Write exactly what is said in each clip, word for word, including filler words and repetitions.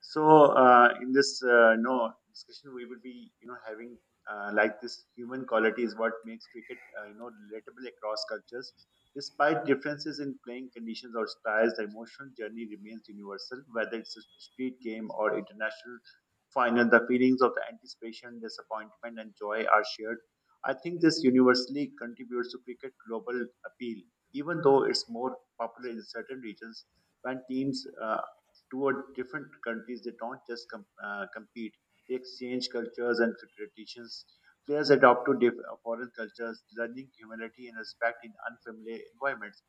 So uh, in this uh, no discussion, we would be you know having uh, like this human quality is what makes cricket uh, you know relatable across cultures. Despite differences in playing conditions or styles, the emotional journey remains universal. Whether it's a street game or international final, the feelings of the anticipation, disappointment, and joy are shared. I think this universally contributes to cricket global appeal, even though it's more popular in certain regions when teams uh, toward different countries. They don't just com- uh, compete; they exchange cultures and traditions. Players adapt to diff- uh, foreign cultures, learning humility and respect in unfamiliar environments.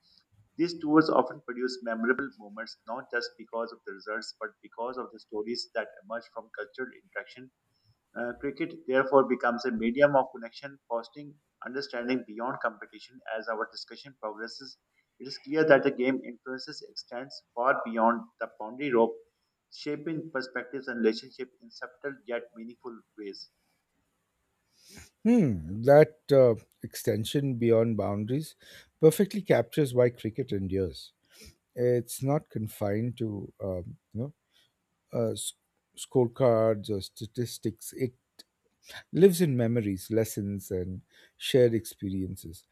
These tours often produce memorable moments, not just because of the results, but because of the stories that emerge from cultural interaction uh, Cricket therefore becomes a medium of connection, fostering understanding beyond competition. As our discussion progresses, it is clear that the game influences extends far beyond the boundary rope, shaping perspectives and relationship in subtle yet meaningful ways. Hmm, that uh, extension beyond boundaries perfectly captures why cricket endures. It's not confined to um, you know uh, s- scorecards or statistics. It lives in memories, lessons, and shared experiences.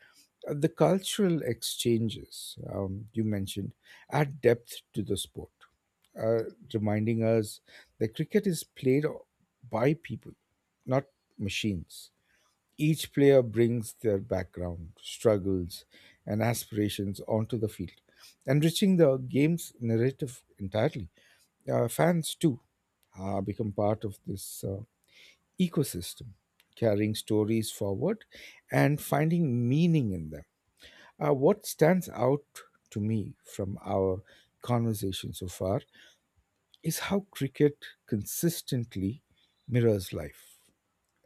Uh, The cultural exchanges um, you mentioned add depth to the sport, uh, reminding us that cricket is played by people, not machines. Each player brings their background, struggles, and aspirations onto the field, enriching the game's narrative entirely. Uh, fans, too, uh, become part of this uh, ecosystem, carrying stories forward and finding meaning in them. Uh, what stands out to me from our conversation so far is how cricket consistently mirrors life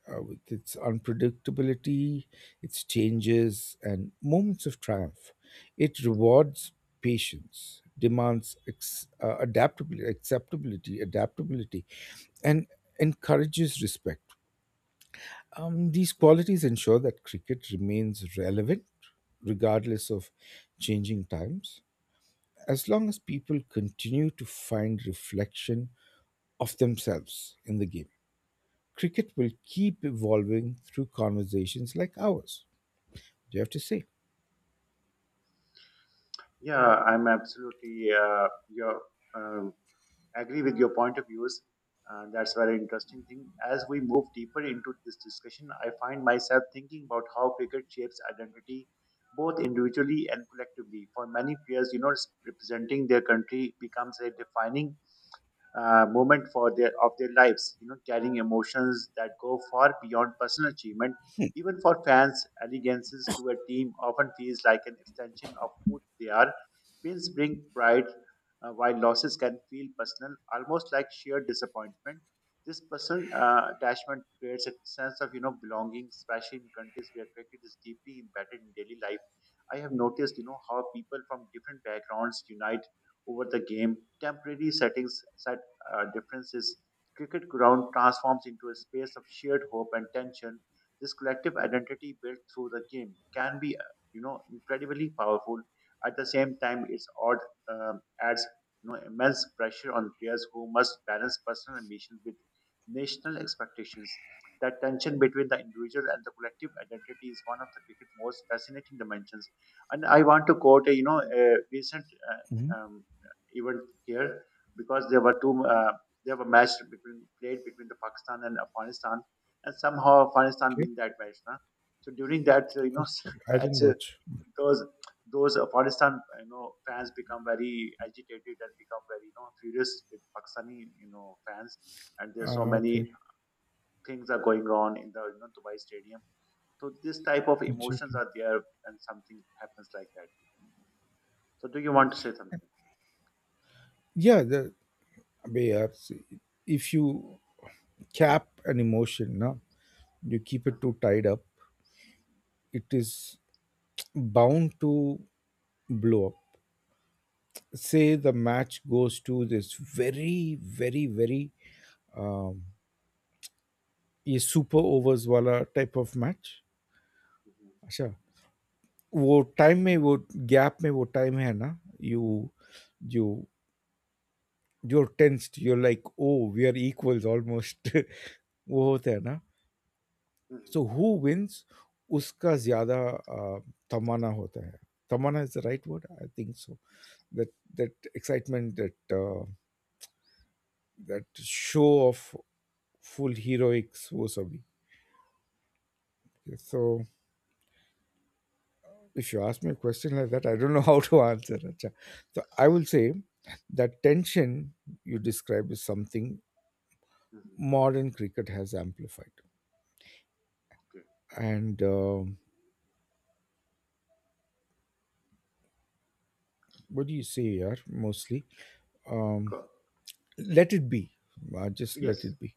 uh, with its unpredictability, its changes, and moments of triumph. It rewards patience, demands ex- uh, adaptability, acceptability, adaptability, and encourages respect. Um, these qualities ensure that cricket remains relevant regardless of changing times, as long as people continue to find reflection of themselves in the game cricket will keep evolving through conversations like ours. You have to see. Yeah, I'm absolutely uh, your uh, agree with your point of views. Uh, that's a very interesting thing. As we move deeper into this discussion, I find myself thinking about how cricket shapes identity, both individually and collectively. For many players, you know, representing their country becomes a defining uh, moment for their of their lives. You know, carrying emotions that go far beyond personal achievement. Even for fans, allegiances to a team often feels like an extension of who they are. Wins bring pride, uh, while losses can feel personal, almost like sheer disappointment. This personal uh, attachment creates a sense of you know belonging, especially in countries where cricket is deeply embedded in daily life. I have noticed you know how people from different backgrounds unite over the game. Temporary settings uh, differences, cricket ground transforms into a space of shared hope and tension. This collective identity built through the game can be, uh, you know, incredibly powerful. At the same time, it's odd um, adds you know immense pressure on players who must balance personal ambitions with national expectations. That tension between the individual and the collective identity is one of the cricket's most fascinating dimensions. And I want to quote a you know a recent Hmm. uh, um, event here because there were two uh, there were match between played between the Pakistan and Afghanistan, and somehow Afghanistan Okay. win that match. Nah? So during that uh, you know I match, didn't uh, watch. those those Afghanistan you know fans become very agitated and become very you know furious with Pakistani you know fans, and there's so Uh, okay. many things are going on in the you know, Dubai Stadium. So this type of It's emotions okay. are there, and something happens like that. So do you want to say something? Yeah, the, we are- if you cap an emotion, no, you keep it Hmm. too tied up, it is bound to blow up. Say the match goes to this very, very, very um, a super overs wala type of match. Hmm. वो time में वो gap में वो time है ना you you you are tensed you are like oh we are equals almost वो होता है ना Hmm. सो हु विंस उसका ज्यादा अ, तमन्ना होता है तमन्ना is the right word I think so that that excitement that uh, that show of full heroics वो सभी so if you ask me a question like that, I don't know how to answer. Acha. So I will say that tension you describe is something Hmm. modern cricket has amplified. Okay. And um what do you say here? Mostly, um, Go. let it be. Uh, just Yes. let it be.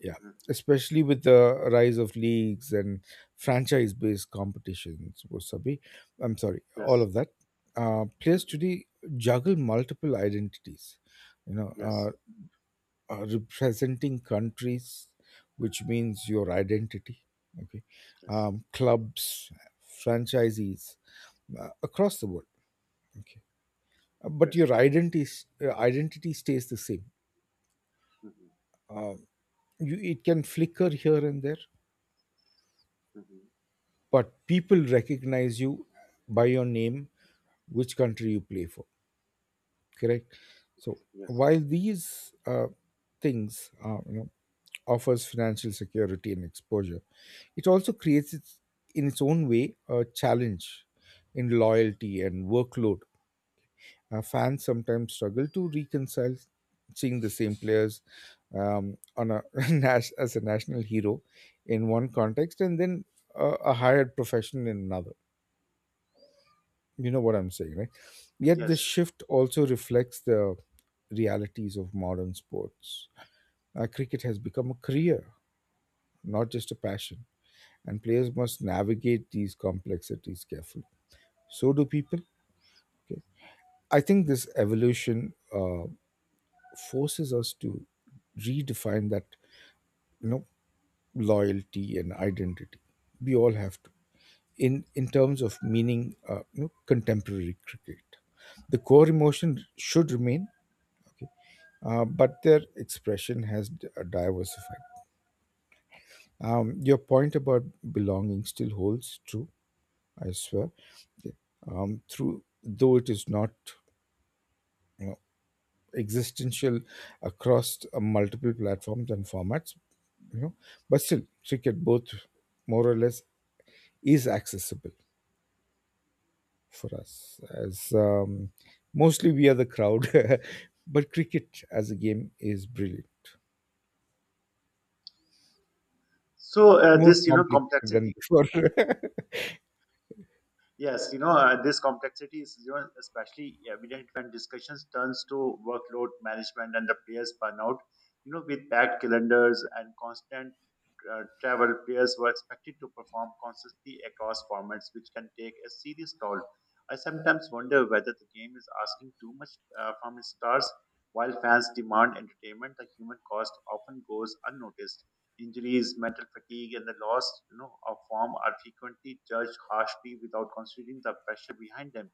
Yeah. Hmm. Especially with the rise of leagues and franchise-based competitions, wasabi. I'm sorry, all Yes. of that. Uh, players Hmm. today juggle multiple identities you know Yes. uh, uh, representing countries, which means your identity, okay, Yes. um, clubs, franchisees uh, across the world, okay. Uh, but Yes. your identity s- uh, identity stays the same. Hmm. Um, you, it can flicker here and there, Hmm. but people recognize you by your name, which country you play for correct so Yes. while these uh, things uh, you know offers financial security and exposure it also creates its, in its own way a challenge in loyalty and workload uh, fans sometimes struggle to reconcile seeing the same players um, on a nas- as a national hero in one context and then a, a hired professional in another. You know what I'm saying, right? Yet this Yes. shift also reflects the realities of modern sports. Uh, cricket has become a career, not just a passion, and players must navigate these complexities carefully. So do people. Okay. I think this evolution uh, forces us to redefine that, you know, loyalty and identity. We all have to. In, in terms of meaning, uh, you know, contemporary cricket, the core emotion should remain okay uh, but their expression has d- uh, diversified. Um, your point about belonging still holds true, I swear. Okay. Um, through though it is not, you know, existential across uh, multiple platforms and formats, you know, but still cricket both more or less is accessible for us as um, mostly we are the crowd, but cricket as a game is brilliant, So uh, more this, you know, complicated than complexity. before. Yes, you know, uh, this complexity is you know, especially evident when discussions turns to workload management and the players burnout. You know, with packed calendars and constant uh, travel, players were expected to perform consistently across formats, which can take a serious toll. I sometimes wonder whether the game is asking too much uh, from its stars. While fans demand entertainment, the human cost often goes unnoticed injuries, mental fatigue, and the loss you know, of form are frequently judged harshly without considering the pressure behind them.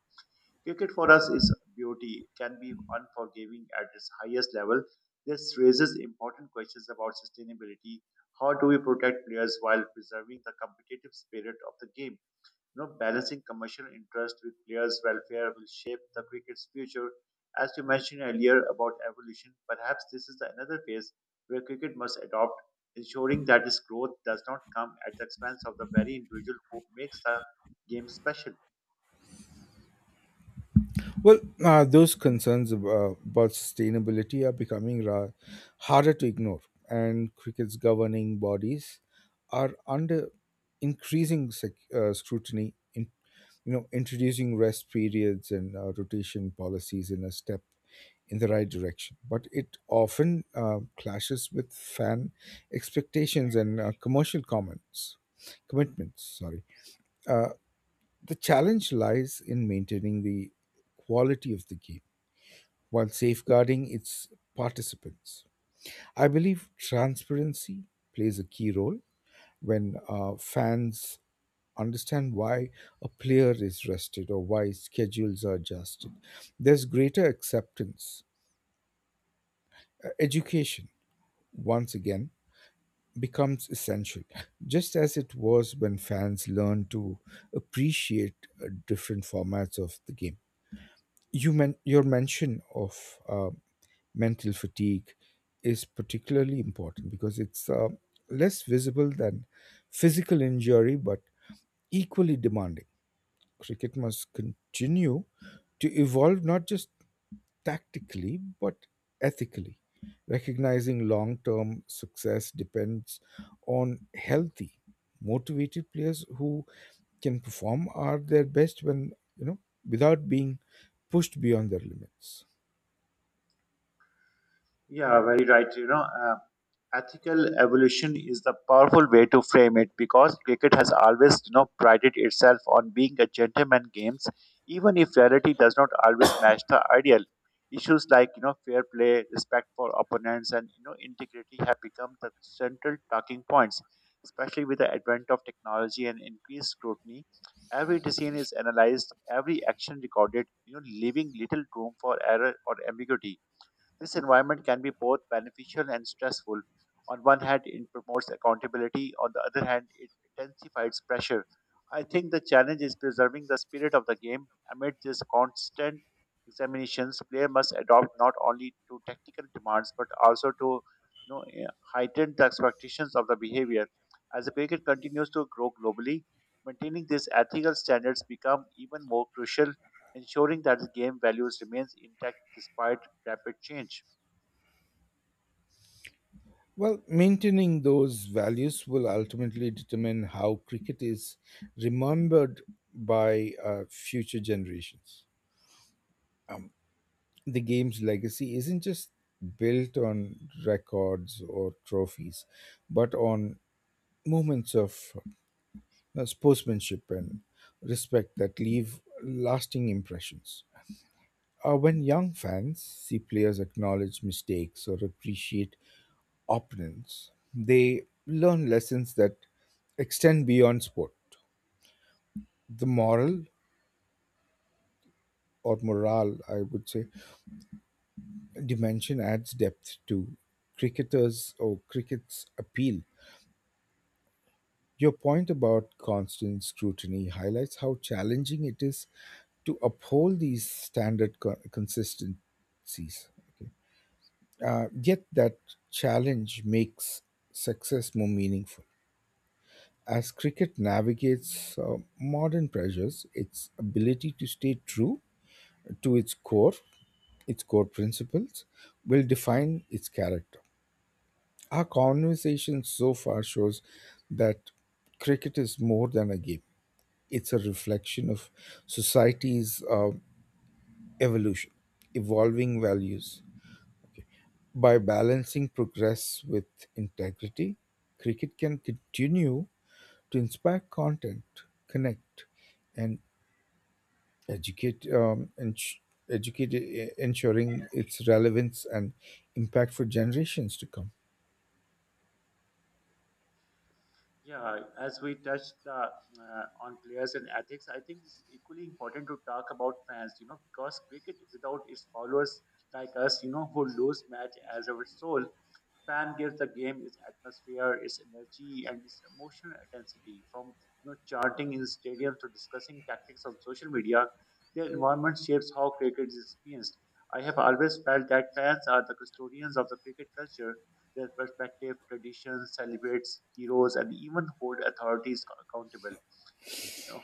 Cricket for us is beauty. It can be unforgiving at its highest level. This raises important questions about sustainability. How do we protect players while preserving the competitive spirit of the game? You know, balancing commercial interest with players' welfare will shape the cricket's future. As you mentioned earlier about evolution, perhaps this is another phase where cricket must adopt, ensuring that its growth does not come at the expense of the very individual who makes the game special. Well, uh, those concerns ab- uh, about sustainability are becoming ra- harder to ignore, and cricket's governing bodies are under increasing sec- uh, scrutiny. In, you know, introducing rest periods and uh, rotation policies in a step in the right direction, but it often uh, clashes with fan expectations and uh, commercial comments commitments. Sorry. Uh, the challenge lies in maintaining the quality of the game while safeguarding its participants. I believe transparency plays a key role when uh, fans understand why a player is rested or why schedules are adjusted. There's greater acceptance. Uh, Education, once again, becomes essential, just as it was when fans learned to appreciate uh, different formats of the game. You men- your mention of uh, mental fatigue is particularly important because it's uh, less visible than physical injury but equally demanding. Cricket must continue to evolve not just tactically but ethically, recognizing long-term success depends on healthy motivated players who can perform are their best when, you know, without being pushed beyond their limits. Yeah, very right. You know, ethical evolution is the powerful way to frame it because cricket has always you know prided itself on being a gentleman games, even if reality does not always match the ideal. Issues like you know fair play, respect for opponents, and you know integrity have become the central talking points, especially with the advent of technology and increased scrutiny. Every decision is analyzed, every action recorded, you know leaving little room for error or ambiguity. This environment can be both beneficial and stressful. On one hand, it promotes accountability. On the other hand, it intensifies pressure. I think the challenge is preserving the spirit of the game. Amid this constant examinations, player must adopt not only to technical demands but also to you know, eh, heighten the expectations of the behavior. As the cricket continues to grow globally, maintaining these ethical standards become even more crucial, ensuring that the game values remains intact despite rapid change. Well, maintaining those values will ultimately determine how cricket is remembered by uh, future generations. Um, the game's legacy isn't just built on records or trophies, but on moments of uh, sportsmanship and respect that leave lasting impressions. Uh, when young fans see players acknowledge mistakes or appreciate opponents, they learn lessons that extend beyond sport. The moral or morale, I would say, dimension adds depth to cricketers or cricket's appeal. Your point about constant scrutiny highlights how challenging it is to uphold these standard co- consistencies. Okay. Uh, yet that challenge makes success more meaningful. As cricket navigates uh, modern pressures, its ability to stay true to its core, its core principles, will define its character. Our conversation so far shows that cricket is more than a game, it's a reflection of society's uh, evolution, evolving values. Okay. By balancing progress with integrity, cricket can continue to inspire content, connect, and educate um, ens- educate e- ensuring its relevance and impact for generations to come. Yeah, as we touched the, uh, on players and ethics, I think it's equally important to talk about fans, you know, because cricket without its followers like us, you know, who lose match as our soul. Fan gives the game its atmosphere, its energy, and its emotional intensity. From you know chanting in stadiums to discussing tactics on social media, their environment shapes how cricket is experienced. I have always felt that fans are the custodians of the cricket culture. Their perspective, traditions, celebrates heroes, and even hold authorities accountable.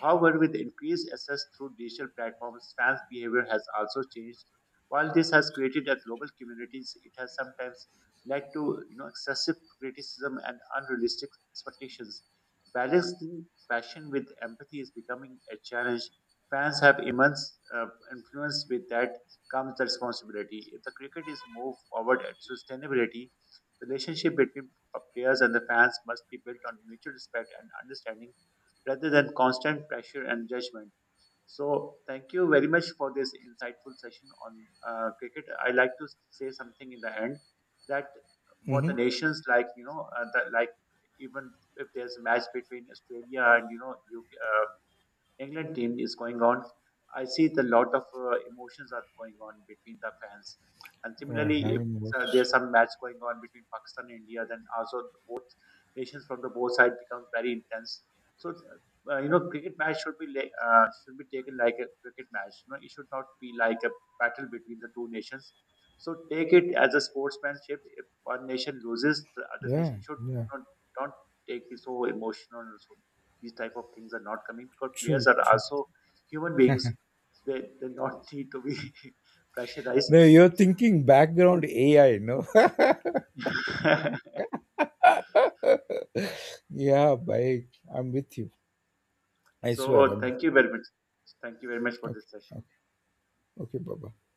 However, with increased access through digital platforms, fans' behavior has also changed. While this has created a global community, it has sometimes led to you know excessive criticism and unrealistic expectations. Balancing passion with empathy is becoming a challenge. Fans have immense uh, influence. With that comes the responsibility. If the cricket is moved forward at sustainability, relationship between players and the fans must be built on mutual respect and understanding rather than constant pressure and judgment. So, thank you very much for this insightful session on uh, cricket. I like to say something in the end that for Hmm. the nations like you know uh, that like, even if there's a match between Australia and you know you uh, England team is going on. I see the lot of uh, emotions are going on between the fans, and Uh, similarly, if having uh, there's watched, some match going on between Pakistan and India, then also the both nations from the both side becomes very intense. So, uh, uh, you know, cricket match should be like uh, should be taken like a cricket match. You know, it should not be like a battle between the two nations. So take it as a sportsmanship. If one nation loses, the other yeah, nation should yeah, not, don't take it so emotional. These type of things are not coming because players true, are true. also human beings. They they not need to be pressurized. No, you're thinking background A I, no? Yeah, bye. I'm with you. I swear. So I'm thank you very much. Thank you very much for this okay. Okay. session. Okay. Bye.